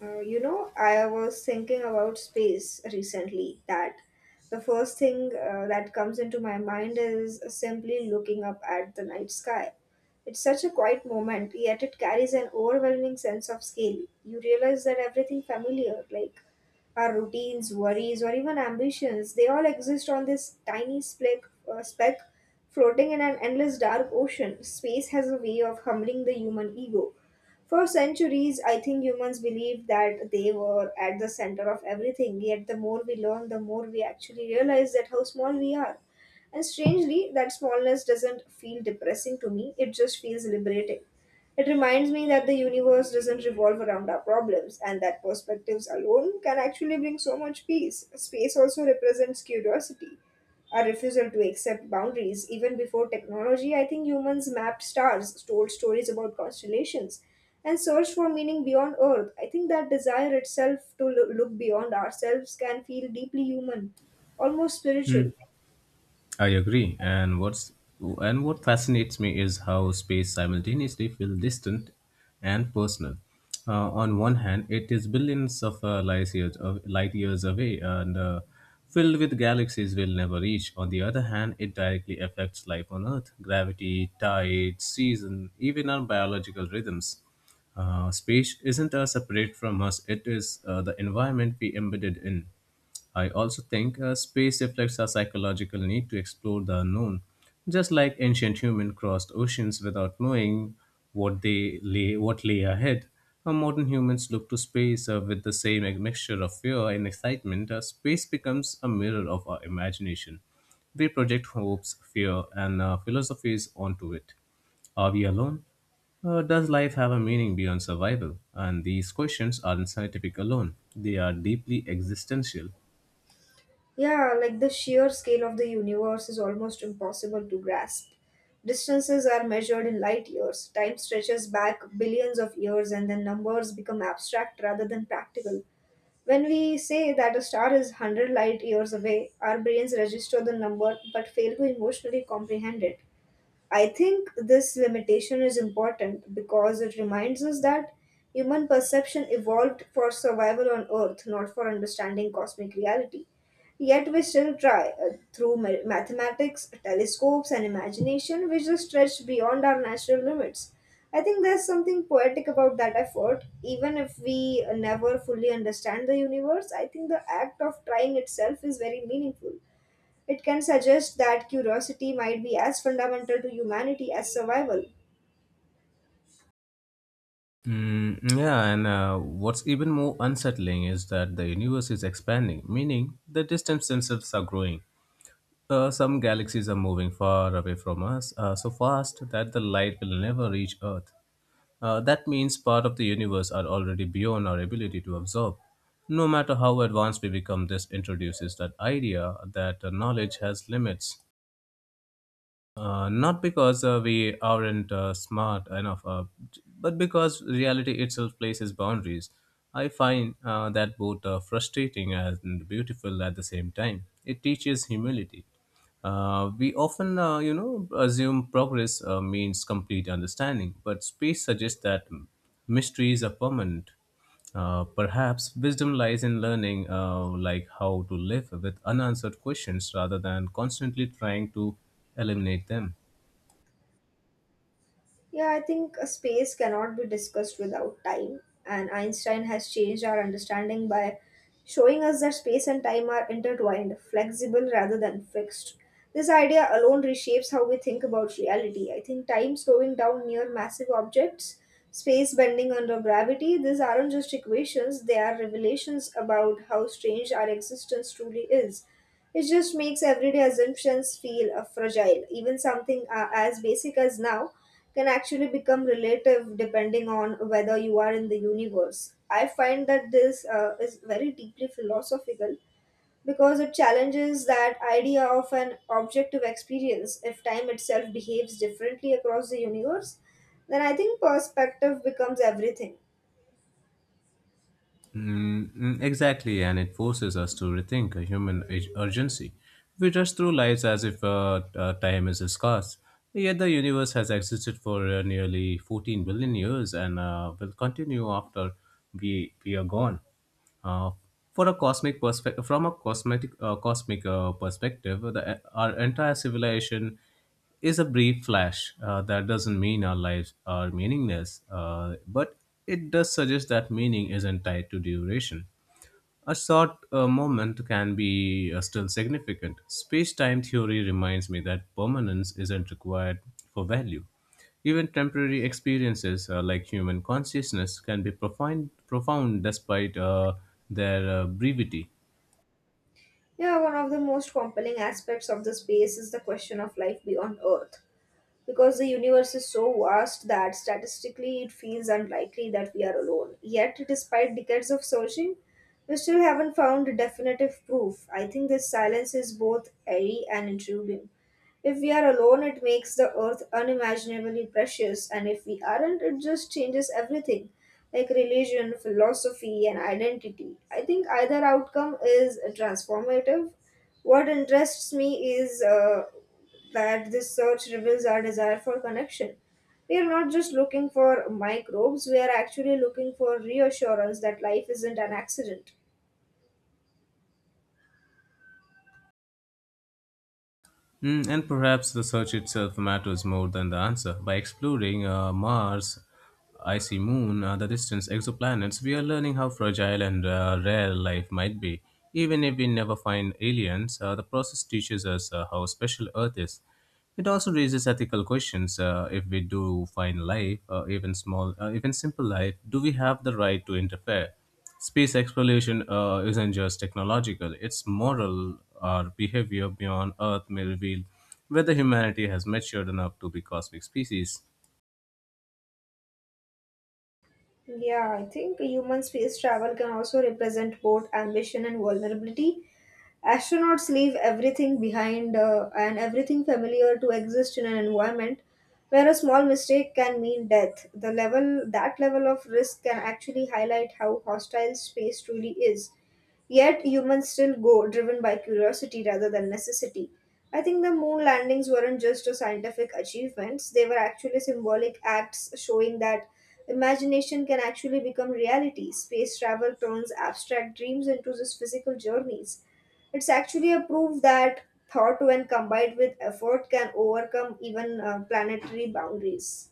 I was thinking about space recently that the first thing that comes into my mind is simply looking up at the night sky. It's such a quiet moment, yet it carries an overwhelming sense of scale. You realize that everything familiar, like our routines, worries, or even ambitions, they all exist on this tiny speck floating in an endless dark ocean. Space has a way of humbling the human ego. For centuries, I think humans believed that they were at the center of everything, yet the more we learn, the more we actually realize that how small we are. And strangely, that smallness doesn't feel depressing to me, it just feels liberating. It reminds me that the universe doesn't revolve around our problems, and that perspectives alone can actually bring so much peace. Space also represents curiosity, a refusal to accept boundaries. Even before technology, I think humans mapped stars, told stories about constellations, and searched for meaning beyond Earth. I think that desire itself to look beyond ourselves can feel deeply human, almost Hmm, spiritual. I agree. And what fascinates me is how space simultaneously feels distant and personal. On one hand, it is billions of light years away and filled with galaxies we'll never reach. On the other hand, it directly affects life on Earth: gravity, tides, season, even our biological rhythms. Space isn't separate from us; it is the environment we embedded in. I also think space reflects our psychological need to explore the unknown, just like ancient humans crossed oceans without knowing what lay ahead. Our modern humans look to space with the same mixture of fear and excitement. Space becomes a mirror of our imagination. We project hopes, fear, and philosophies onto it. Are we alone? Does life have a meaning beyond survival? And these questions aren't scientific alone, they are deeply existential. Yeah, like the sheer scale of the universe is almost impossible to grasp. Distances are measured in light years, time stretches back billions of years, and then numbers become abstract rather than practical. When we say that a star is 100 light years away, our brains register the number but fail to emotionally comprehend it. I think this limitation is important because it reminds us that human perception evolved for survival on Earth, not for understanding cosmic reality. Yet we still try through mathematics, telescopes, and imagination, which is stretched beyond our natural limits. I think there's something poetic about that effort. Even if we never fully understand the universe, I think the act of trying itself is very meaningful. It can suggest that curiosity might be as fundamental to humanity as survival. Mm, yeah, and what's even more unsettling is that the universe is expanding, meaning the distance themselves are growing. Some galaxies are moving far away from us, so fast that the light will never reach Earth. That means part of the universe are already beyond our ability to absorb. No matter how advanced we become, this introduces that idea that knowledge has limits. Not because we aren't smart enough, but because reality itself places boundaries. I find that both frustrating and beautiful at the same time. It teaches humility. We often, assume progress means complete understanding, but space suggests that mysteries are permanent. Perhaps wisdom lies in learning, like how to live with unanswered questions rather than constantly trying to eliminate them. Yeah, I think space cannot be discussed without time, and Einstein has changed our understanding by showing us that space and time are intertwined, flexible rather than fixed. This idea alone reshapes how we think about reality. I think time slowing down near massive objects, space bending under gravity, these aren't just equations, they are revelations about how strange our existence truly is. It just makes everyday assumptions feel fragile. Even something as basic as now can actually become relative depending on whether you are in the universe. I find that this is very deeply philosophical because it challenges that idea of an objective experience. If time itself behaves differently across the universe, then I think perspective becomes everything. Exactly, and it forces us to rethink a urgency. We rush through lives as if time is scarce. Yet the universe has existed for nearly 14 billion years and will continue after we are gone. Uh, for a cosmic perspective, from a cosmetic cosmic perspective, the, our entire civilization is a brief flash. That doesn't mean our lives are meaningless, but it does suggest that meaning isn't tied to duration. A short moment can be still significant. Space time theory reminds me that permanence isn't required for value. Even temporary experiences like human consciousness can be profound despite their brevity. Yeah, one of the most compelling aspects of the space is the question of life beyond Earth. Because the universe is so vast that statistically it feels unlikely that we are alone. Yet, despite decades of searching, we still haven't found definitive proof. I think this silence is both eerie and intriguing. If we are alone, it makes the earth unimaginably precious, and if we aren't, it just changes everything like religion, philosophy, and identity. I think either outcome is transformative. What interests me is that this search reveals our desire for connection. We are not just looking for microbes, we are actually looking for reassurance that life isn't an accident. Mm, and perhaps the search itself matters more than the answer. By exploring Mars, icy moon, the distant exoplanets, we are learning how fragile and rare life might be. Even if we never find aliens, the process teaches us how special Earth is. It also raises ethical questions. If we do find life, even simple life, do we have the right to interfere? Space exploration isn't just technological; it's moral. Our behavior beyond Earth may reveal whether humanity has matured enough to be cosmic species. Yeah, I think human space travel can also represent both ambition and vulnerability. Astronauts leave everything behind and everything familiar to exist in an environment where a small mistake can mean death. The level that level of risk can actually highlight how hostile space truly is. Yet humans still go, driven by curiosity rather than necessity. I think the moon landings weren't just a scientific achievements, they were actually symbolic acts showing that imagination can actually become reality. Space travel turns abstract dreams into just physical journeys. It's actually a proof that thought, when combined with effort, can overcome even planetary boundaries.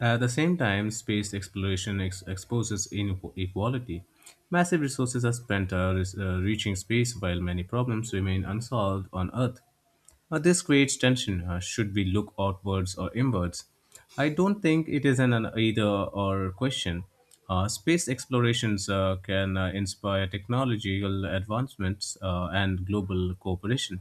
At the same time, exposes inequality. Massive resources are spent reaching space, while many problems remain unsolved on Earth. This creates tension. Should we look outwards or inwards? I don't think it is an either or question. Space explorations can inspire technological advancements and global cooperation.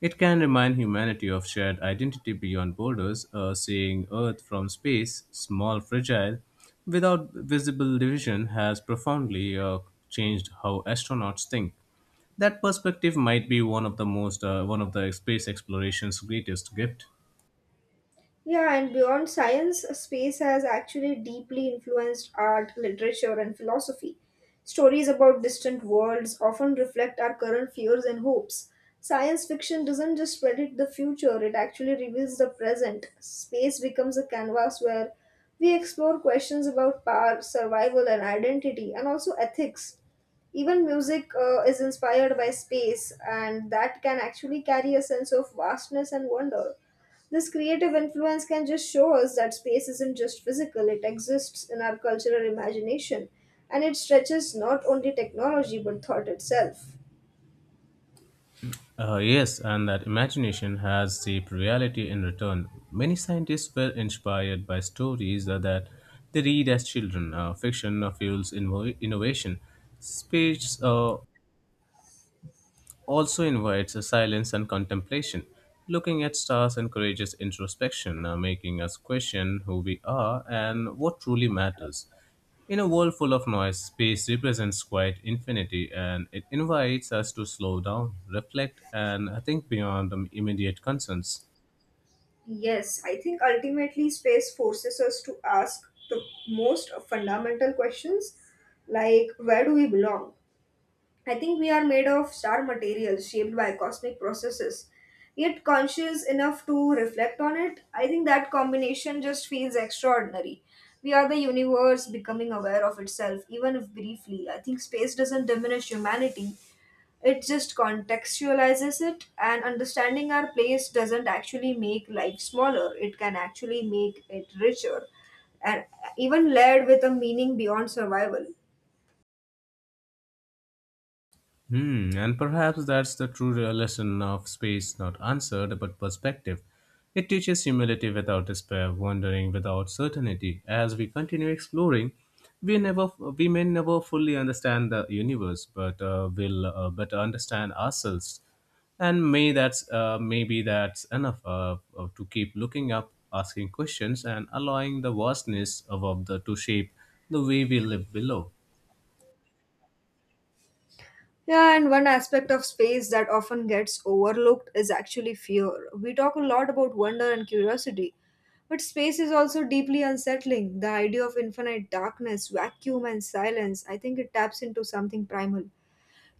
It can remind humanity of shared identity beyond borders, seeing Earth from space, small, fragile, without visible division, has profoundly changed how astronauts think. That perspective might be one of the space exploration's greatest gift. Yeah, and beyond science, space has actually deeply influenced art, literature, and philosophy. Stories about distant worlds often reflect our current fears and hopes. Science fiction doesn't just predict the future, it actually reveals the present. Space becomes a canvas where we explore questions about power, survival, and identity, and also ethics. Even music is inspired by space, and that can actually carry a sense of vastness and wonder. This creative influence can just show us that space isn't just physical, it exists in our cultural imagination and it stretches not only technology but thought itself. Yes, and that imagination has shaped reality in return. Many scientists were inspired by stories that they read as children. Fiction fuels innovation. Space also invites a silence and contemplation. Looking at stars encourages introspection, making us question who we are and what truly matters. In a world full of noise, space represents quiet infinity and it invites us to slow down, reflect, and think beyond the immediate concerns. Yes, I think ultimately space forces us to ask the most fundamental questions like where do we belong? I think we are made of star materials shaped by cosmic processes, yet conscious enough to reflect on it. I think that combination just feels extraordinary. We are the universe becoming aware of itself, even if briefly. I think space doesn't diminish humanity, it just contextualizes it, and understanding our place doesn't actually make life smaller, it can actually make it richer and even layered with a meaning beyond survival. Hmm, and perhaps that's the true lesson of space not answered but perspective. It teaches humility without despair, wondering without certainty. As we continue exploring, we may never fully understand the universe, but will better understand ourselves. And maybe that's enough to keep looking up, asking questions, and allowing the vastness of the to shape the way we live below. Yeah, and one aspect of space that often gets overlooked is actually fear. We talk a lot about wonder and curiosity, but space is also deeply unsettling. The idea of infinite darkness, vacuum, and silence, I think it taps into something primal.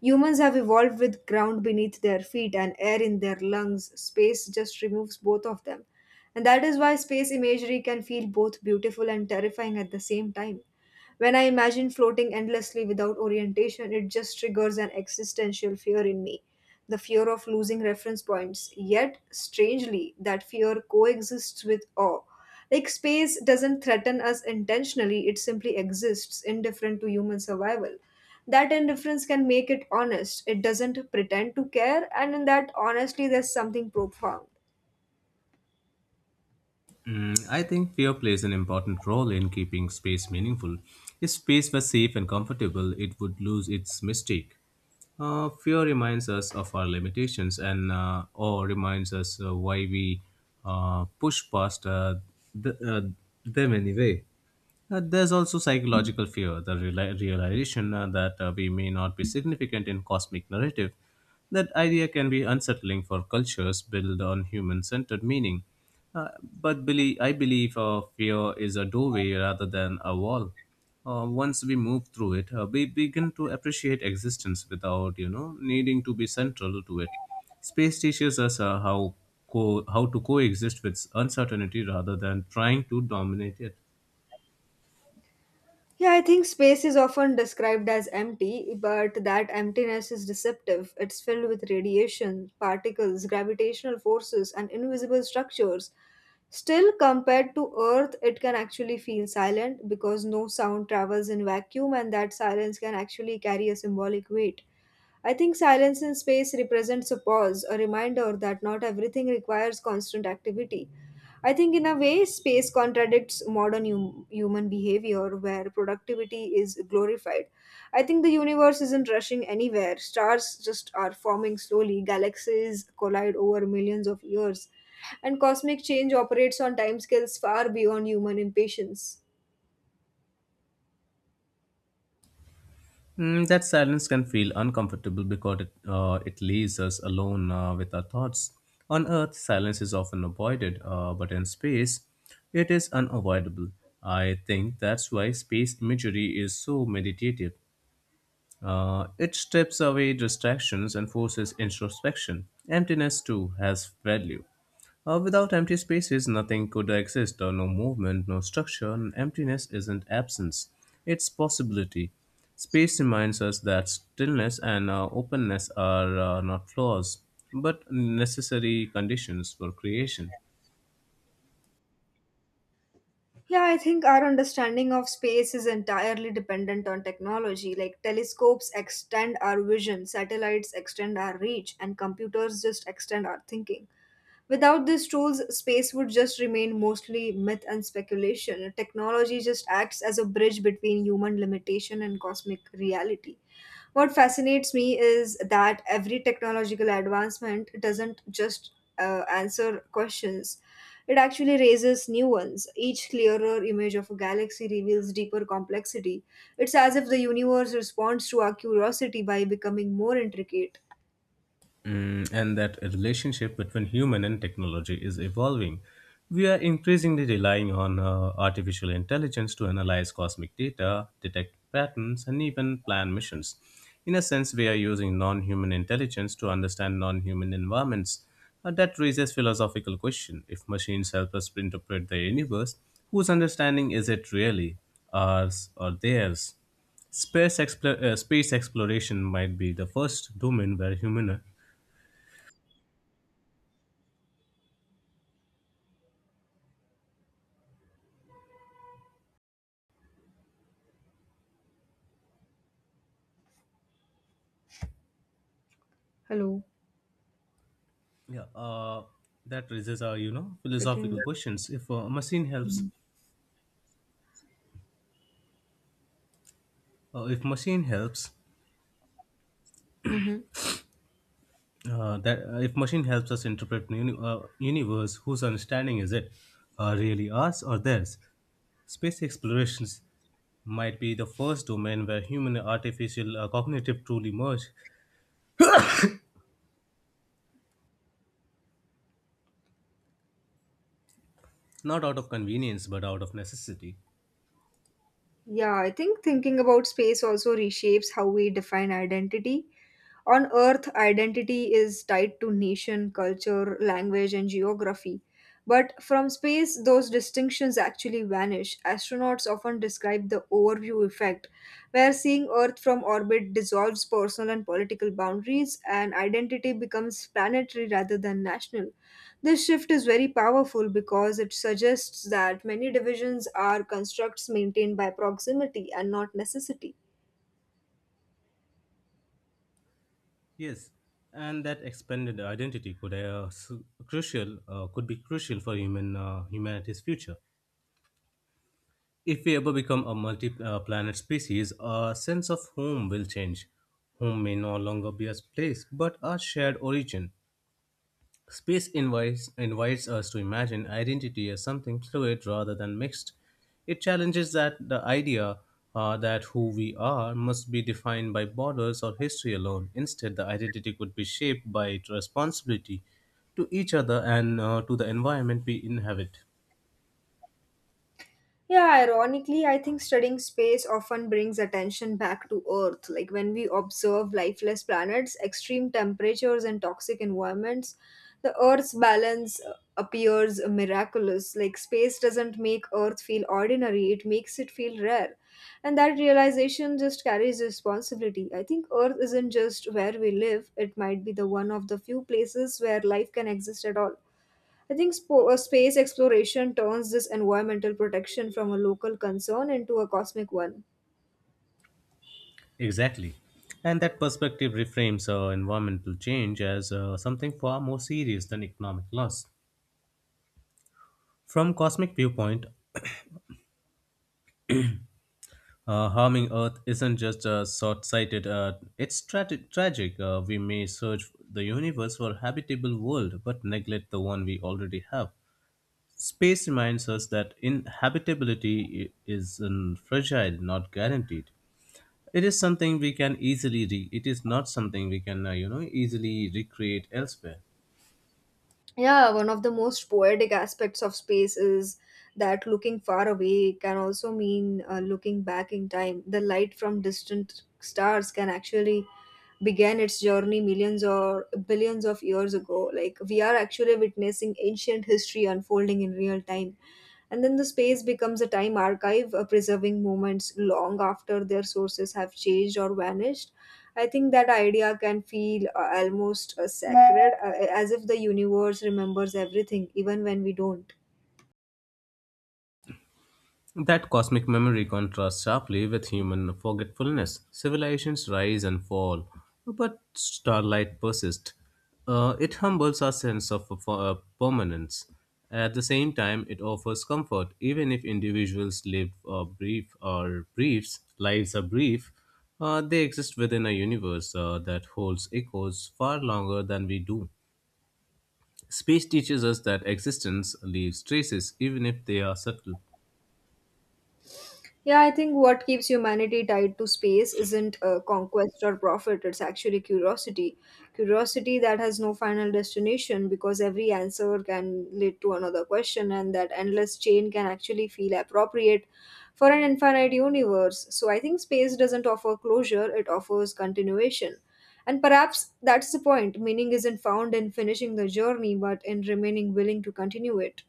Humans have evolved with ground beneath their feet and air in their lungs. Space just removes both of them. And that is why space imagery can feel both beautiful and terrifying at the same time. When I imagine floating endlessly without orientation, it just triggers an existential fear in me the fear of losing reference points. Yet, strangely, that fear coexists with awe. Like space doesn't threaten us intentionally, it simply exists, indifferent to human survival. That indifference can make it honest. It doesn't pretend to care, and in that, honestly, there's something profound. Mm, I think fear plays an important role in keeping space meaningful. If space was safe and comfortable, it would lose its mystique. Fear reminds us of our limitations and or reminds us why we push past th- uh, them anyway. There's also psychological fear, realization that we may not be significant in cosmic narrative. That idea can be unsettling for cultures built on human-centered meaning. But I believe fear is a doorway rather than a wall. Once we move through it, we begin to appreciate existence without, you know, needing to be central to it. Space teaches us how to coexist with uncertainty rather than trying to dominate it. Yeah, I think space is often described as empty, but that emptiness is deceptive. It's filled with radiation, particles, gravitational forces, and invisible structures. Still, compared to Earth, it can actually feel silent because no sound travels in vacuum, and that silence can actually carry a symbolic weight. I think silence in space represents a pause, a reminder that not everything requires constant activity. I think, in a way, space contradicts modern human behavior where productivity is glorified. I think the universe isn't rushing anywhere. Stars just are forming slowly, galaxies collide over millions of years, and cosmic change operates on timescales far beyond human impatience. Mm, that silence can feel uncomfortable because it leaves us alone with our thoughts. On Earth, silence is often avoided, but in space, it is unavoidable. I think that's why space imagery is so meditative. It strips away distractions and forces introspection. Emptiness, too, has value. Without empty spaces, nothing could exist. No movement, no structure. And Emptiness isn't absence, it's possibility. Space reminds us that stillness and openness are not flaws, but necessary conditions for creation. Yeah, I think our understanding of space is entirely dependent on technology. Like telescopes extend our vision, satellites extend our reach, and computers just extend our thinking. Without these tools, space would just remain mostly myth and speculation. Technology just acts as a bridge between human limitation and cosmic reality. What fascinates me is that every technological advancement doesn't just answer questions, it actually raises new ones. Each clearer image of a galaxy reveals deeper complexity. It's as if the universe responds to our curiosity by becoming more intricate. Mm, and that a relationship between human and technology is evolving. We are increasingly relying on artificial intelligence to analyze cosmic data, detect patterns, and even plan missions. In a sense, we are using non human intelligence to understand non human environments. That raises philosophical question. If machines help us interpret the universe, whose understanding is it really? Ours or theirs? Space exploration might be the first domain where human. Hello. Yeah, uh, that raises our, you know, Written. philosophical questions. If a machine helps, Mhm. If machine helps, Mhm. That if machine helps us interpret universe, whose understanding is it? Really ours or theirs? Space explorations might be the first domain where human and artificial cognitive truly merge, not out of convenience but out of necessity. Yeah, I think thinking about space also reshapes how we define identity. On Earth, identity is tied to nation, culture, language, and geography. But from space, those distinctions actually vanish. Astronauts often describe the overview effect, where seeing Earth from orbit dissolves personal and political boundaries, and identity becomes planetary rather than national. This shift is very powerful because it suggests that many divisions are constructs maintained by proximity and not necessity. Yes, and that expanded identity could be crucial for humanity's future. If we ever become a multi planet species, our sense of home will change. Home may no longer be a place, but a shared origin. Invites us to imagine identity as something fluid rather than mixed. It challenges that the idea that who we are must be defined by borders or history alone. Instead, the identity could be shaped by its responsibility to each other and to the environment we inhabit. Yeah, ironically, I think studying space often brings attention back to Earth. Like when we observe lifeless planets, extreme temperatures, and toxic environments, the Earth's balance appears miraculous. Like space doesn't make Earth feel ordinary, it makes it feel rare. And that realization just carries responsibility. I think Earth isn't just where we live, it might be the one of the few places where life can exist at all. I think space exploration turns this environmental protection from a local concern into a cosmic one. Exactly. And that perspective reframes environmental change as something far more serious than economic loss. From cosmic viewpoint, harming Earth isn't just short-sighted, tragic. We may search the universe for a habitable world, but neglect the one we already have. Space reminds us that inhabitability is fragile, not guaranteed. It is not something we can, you know, easily recreate elsewhere. Yeah, one of the most poetic aspects of space is that looking far away can also mean looking back in time. The light from distant stars can actually begin its journey millions or billions of years ago. Like, we are actually witnessing ancient history unfolding in real time. And then the space becomes a time archive, preserving moments long after their sources have changed or vanished. I think that idea can feel almost sacred, as if the universe remembers everything, even when we don't. That cosmic memory contrasts sharply with human forgetfulness. Civilizations rise and fall, but starlight persists. It humbles our sense of permanence. At the same time, it offers comfort, even if individuals live brief or briefs lives are brief. They exist within a universe that holds echoes far longer than we do. Space teaches us that existence leaves traces, even if they are subtle. Yeah, I think what keeps humanity tied to space isn't conquest or profit, it's actually curiosity. Curiosity that has no final destination because every answer can lead to another question, and that endless chain can actually feel appropriate for an infinite universe. So I think space doesn't offer closure, it offers continuation. And perhaps that's the point. Meaning isn't found in finishing the journey, but in remaining willing to continue it.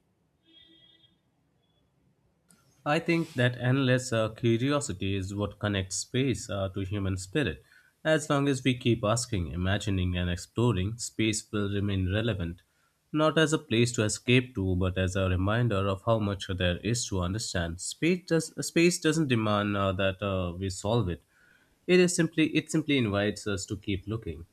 I think that endless curiosity is what connects space to human spirit. As long as we keep asking, imagining, and exploring, space will remain relevant, not as a place to escape to, but as a reminder of how much there is to understand. Space doesn't demand that we solve it. It is simply It simply invites us to keep looking.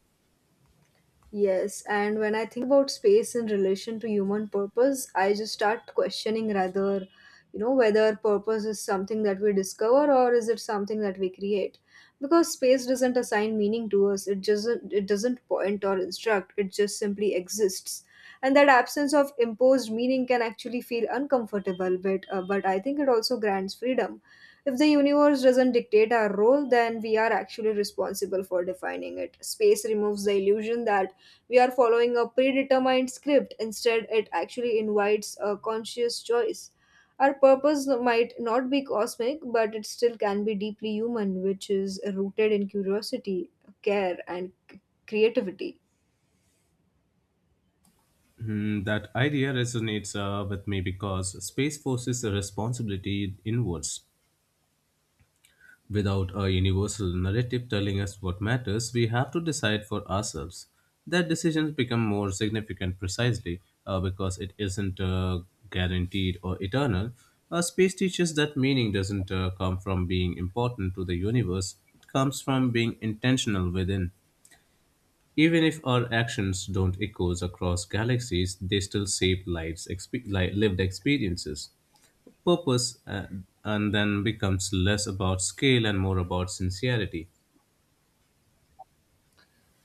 Yes, and when I think about space in relation to human purpose, I just start questioning rather, you know, whether purpose is something that we discover or is it something that we create? Because space doesn't assign meaning to us, it doesn't point or instruct, it just simply exists. And that absence of imposed meaning can actually feel uncomfortable, but I think it also grants freedom. If the universe doesn't dictate our role, then we are actually responsible for defining it. Space removes the illusion that we are following a predetermined script. Instead, it actually invites a conscious choice. Our purpose might not be cosmic, but it still can be deeply human, which is rooted in curiosity, care, and creativity. Hmm, that idea resonates with me because space forces a responsibility inwards. Without a universal narrative telling us what matters, we have to decide for ourselves. That decisions become more significant precisely because it isn't guaranteed or eternal. Space teaches that meaning doesn't come from being important to the universe, it comes from being intentional within. Even if our actions don't echo across galaxies, they still shape lives, lived experiences purpose and then becomes less about scale and more about sincerity.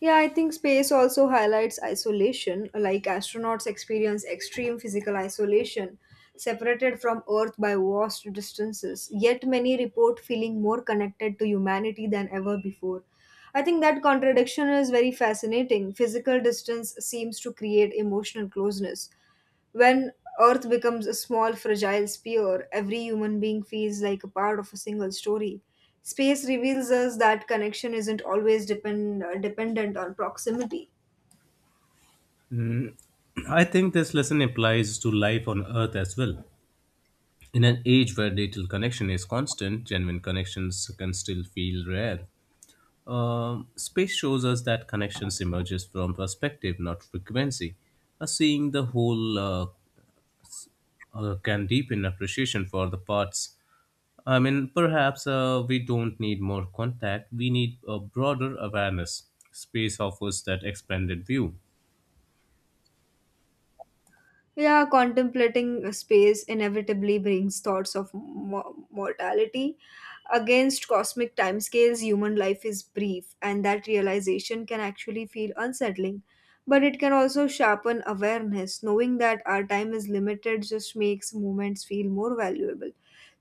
Yeah, I think space also highlights isolation, like astronauts experience extreme physical isolation, separated from Earth by vast distances. Yet many report feeling more connected to humanity than ever before. I think that contradiction is very fascinating. Physical distance seems to create emotional closeness, when Earth becomes a small, fragile sphere, every human being feels like a part of a single story. Space reveals us that connection isn't always dependent on proximity. I think this lesson applies to life on earth as well. In an age where digital connection is constant, genuine connections can still feel rare. Space shows us that connections emerges from perspective, not frequency. Seeing the whole can deepen appreciation for the parts. I mean, perhaps we don't need more contact, we need a broader awareness. Space offers that expanded view. Yeah, contemplating space inevitably brings thoughts of mortality. Against cosmic timescales, human life is brief, and that realization can actually feel unsettling. But it can also sharpen awareness. Knowing that our time is limited just makes moments feel more valuable.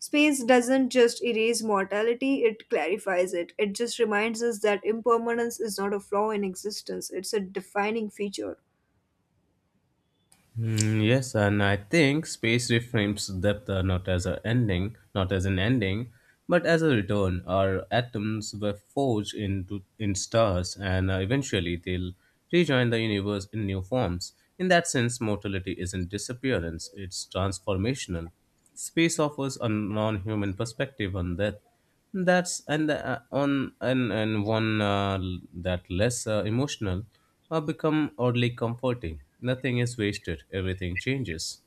Space doesn't just erase mortality, it clarifies it. It just reminds us that impermanence is not a flaw in existence, it's a defining feature. Mm, yes, and I think space reframes depth not as an ending, but as a return. Our atoms were forged into in stars, and eventually they'll rejoin the universe in new forms. In that sense, mortality isn't disappearance; it's transformational. Space offers a non-human perspective on death, that's and on and and one l- that less emotional, become oddly comforting. Nothing is wasted, everything changes.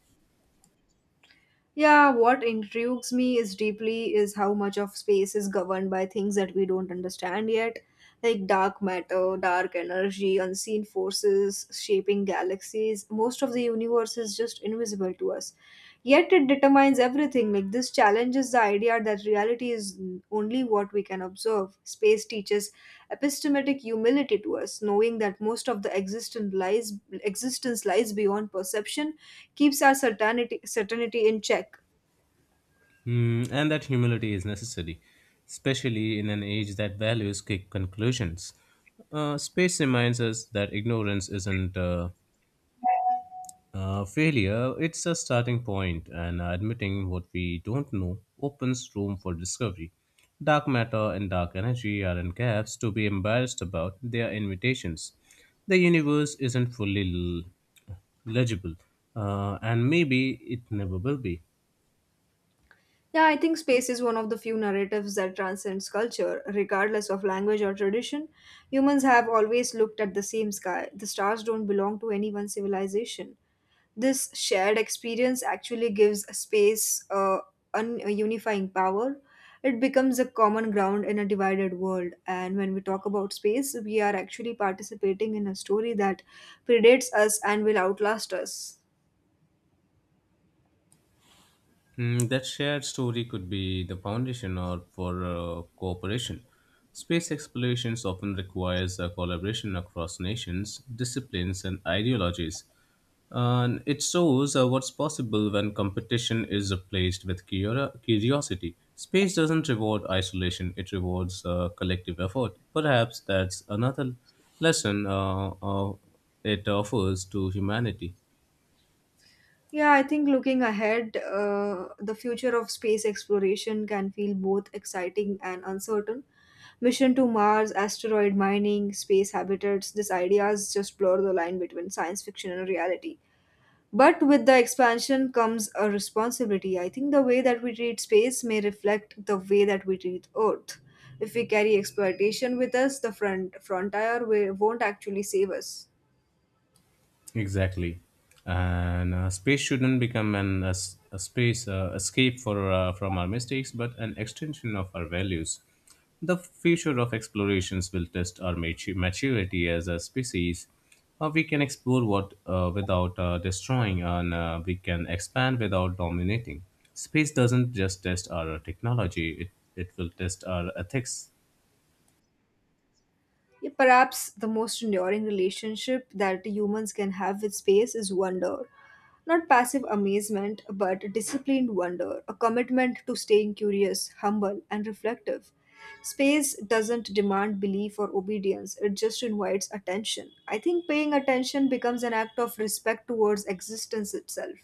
Yeah, what intrigues me is deeply is how much of space is governed by things that we don't understand yet, like dark matter, dark energy, unseen forces shaping galaxies. Most of the universe is just invisible to us. Yet it determines everything. Like this challenges the idea that reality is only what we can observe. Space teaches epistemic humility to us, knowing that most of the existence lies beyond perception, keeps our certainty in check. Hmm, and that humility is necessary, especially in an age that values quick conclusions. Space reminds us that ignorance isn't failure, it's a starting point, and admitting what we don't know opens room for discovery. Dark matter and dark energy aren't gaps to be embarrassed about, they are invitations. The universe isn't fully l- legible, and maybe it never will be. Yeah, I think space is one of the few narratives that transcends culture, regardless of language or tradition. Humans have always looked at the same sky. The stars don't belong to any one civilization. This shared experience actually gives a space a unifying power. It becomes a common ground in a divided world. And when we talk about space, we are actually participating in a story that predates us and will outlast us. Mm, that shared story could be the foundation or for cooperation. Space explorations often requires a collaboration across nations, disciplines, and ideologies. And it shows what's possible when competition is replaced with curiosity. Space doesn't reward isolation, it rewards collective effort. Perhaps that's another lesson it offers to humanity. Yeah, I think looking ahead, the future of space exploration can feel both exciting and uncertain. Mission to Mars, asteroid mining, space habitats, these ideas just blur the line between science fiction and reality. But with the expansion comes a responsibility. I think the way that we treat space may reflect the way that we treat Earth. If we carry exploitation with us, the frontier won't actually save us. Exactly, and space shouldn't become an a space escape for from our mistakes, but an extension of our values. The future of explorations will test our maturity as a species. How we can explore what without destroying, and we can expand without dominating. Space doesn't just test our technology; it will test our ethics. Yeah, perhaps the most enduring relationship that humans can have with space is wonder. Not passive amazement, but disciplined wonder, a commitment to staying curious, humble, and reflective. Space doesn't demand belief or obedience, it just invites attention. I think paying attention becomes an act of respect towards existence itself.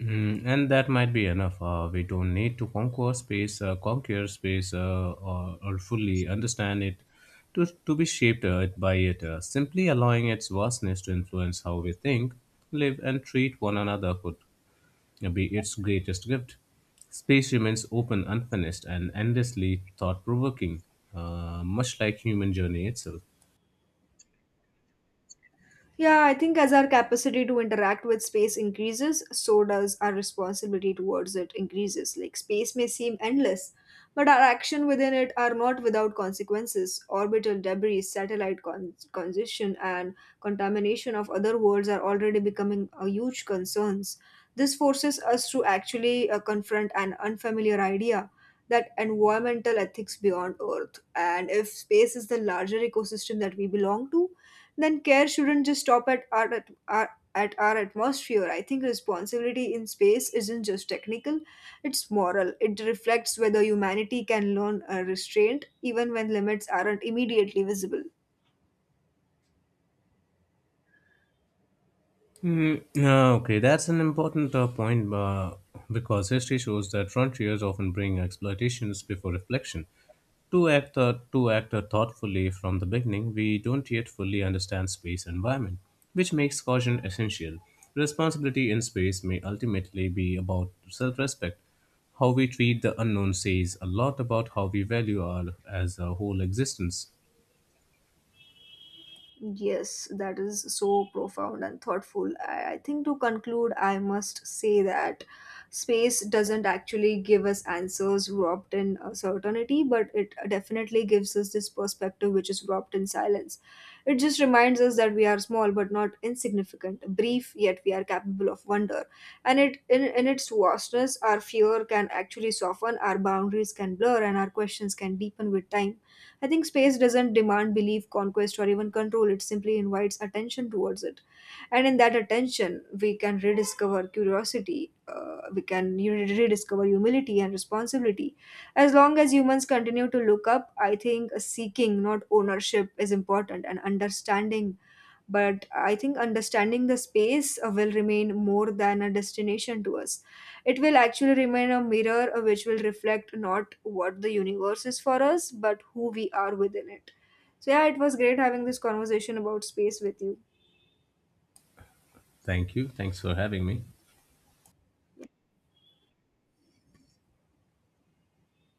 Mm, and that might be enough. We don't need to conquer space, or fully understand it to be shaped by it. Simply allowing its vastness to influence how we think, live, and treat one another could be its greatest gift. Space remains open, unfinished, and endlessly thought provoking, much like human journey itself. Yeah, I think as our capacity to interact with space increases, so does our responsibility towards it increases. Like space may seem endless, but our action within it are not without consequences. Orbital debris, satellite congestion, and contamination of other worlds are already becoming huge concerns. This forces us to actually confront an unfamiliar idea that environmental ethics beyond Earth, and if space is the larger ecosystem that we belong to then care shouldn't just stop at our, at our at our atmosphere. I think responsibility in space isn't just technical, it's moral. It reflects whether humanity can learn a restraint even when limits aren't immediately visible. Okay, that's an important point because history shows that frontiers often bring exploitations before reflection. To act thoughtfully from the beginning, we don't yet fully understand space environment, which makes caution essential. Responsibility in space may ultimately be about self-respect. How we treat the unknown says a lot about how we value our as a whole existence. Yes, that is so profound and thoughtful. I think to conclude, I must say that space doesn't actually give us answers wrapped in certainty, but it definitely gives us this perspective which is wrapped in silence. It just reminds us that we are small but not insignificant, brief yet we are capable of wonder. And in its vastness, our fear can actually soften, our boundaries can blur, and our questions can deepen with time. I think space doesn't demand belief, conquest, or even control. It simply invites attention towards it. And in that attention, we can rediscover curiosity, we can rediscover humility and responsibility. As long as humans continue to look up, I think seeking, not ownership, is important, and understanding but I think understanding the space will remain more than a destination to us. It will actually remain a mirror which will reflect not what the universe is for us, but who we are within it. So yeah, it was great having this conversation about space with you. Thank you. Thanks for having me.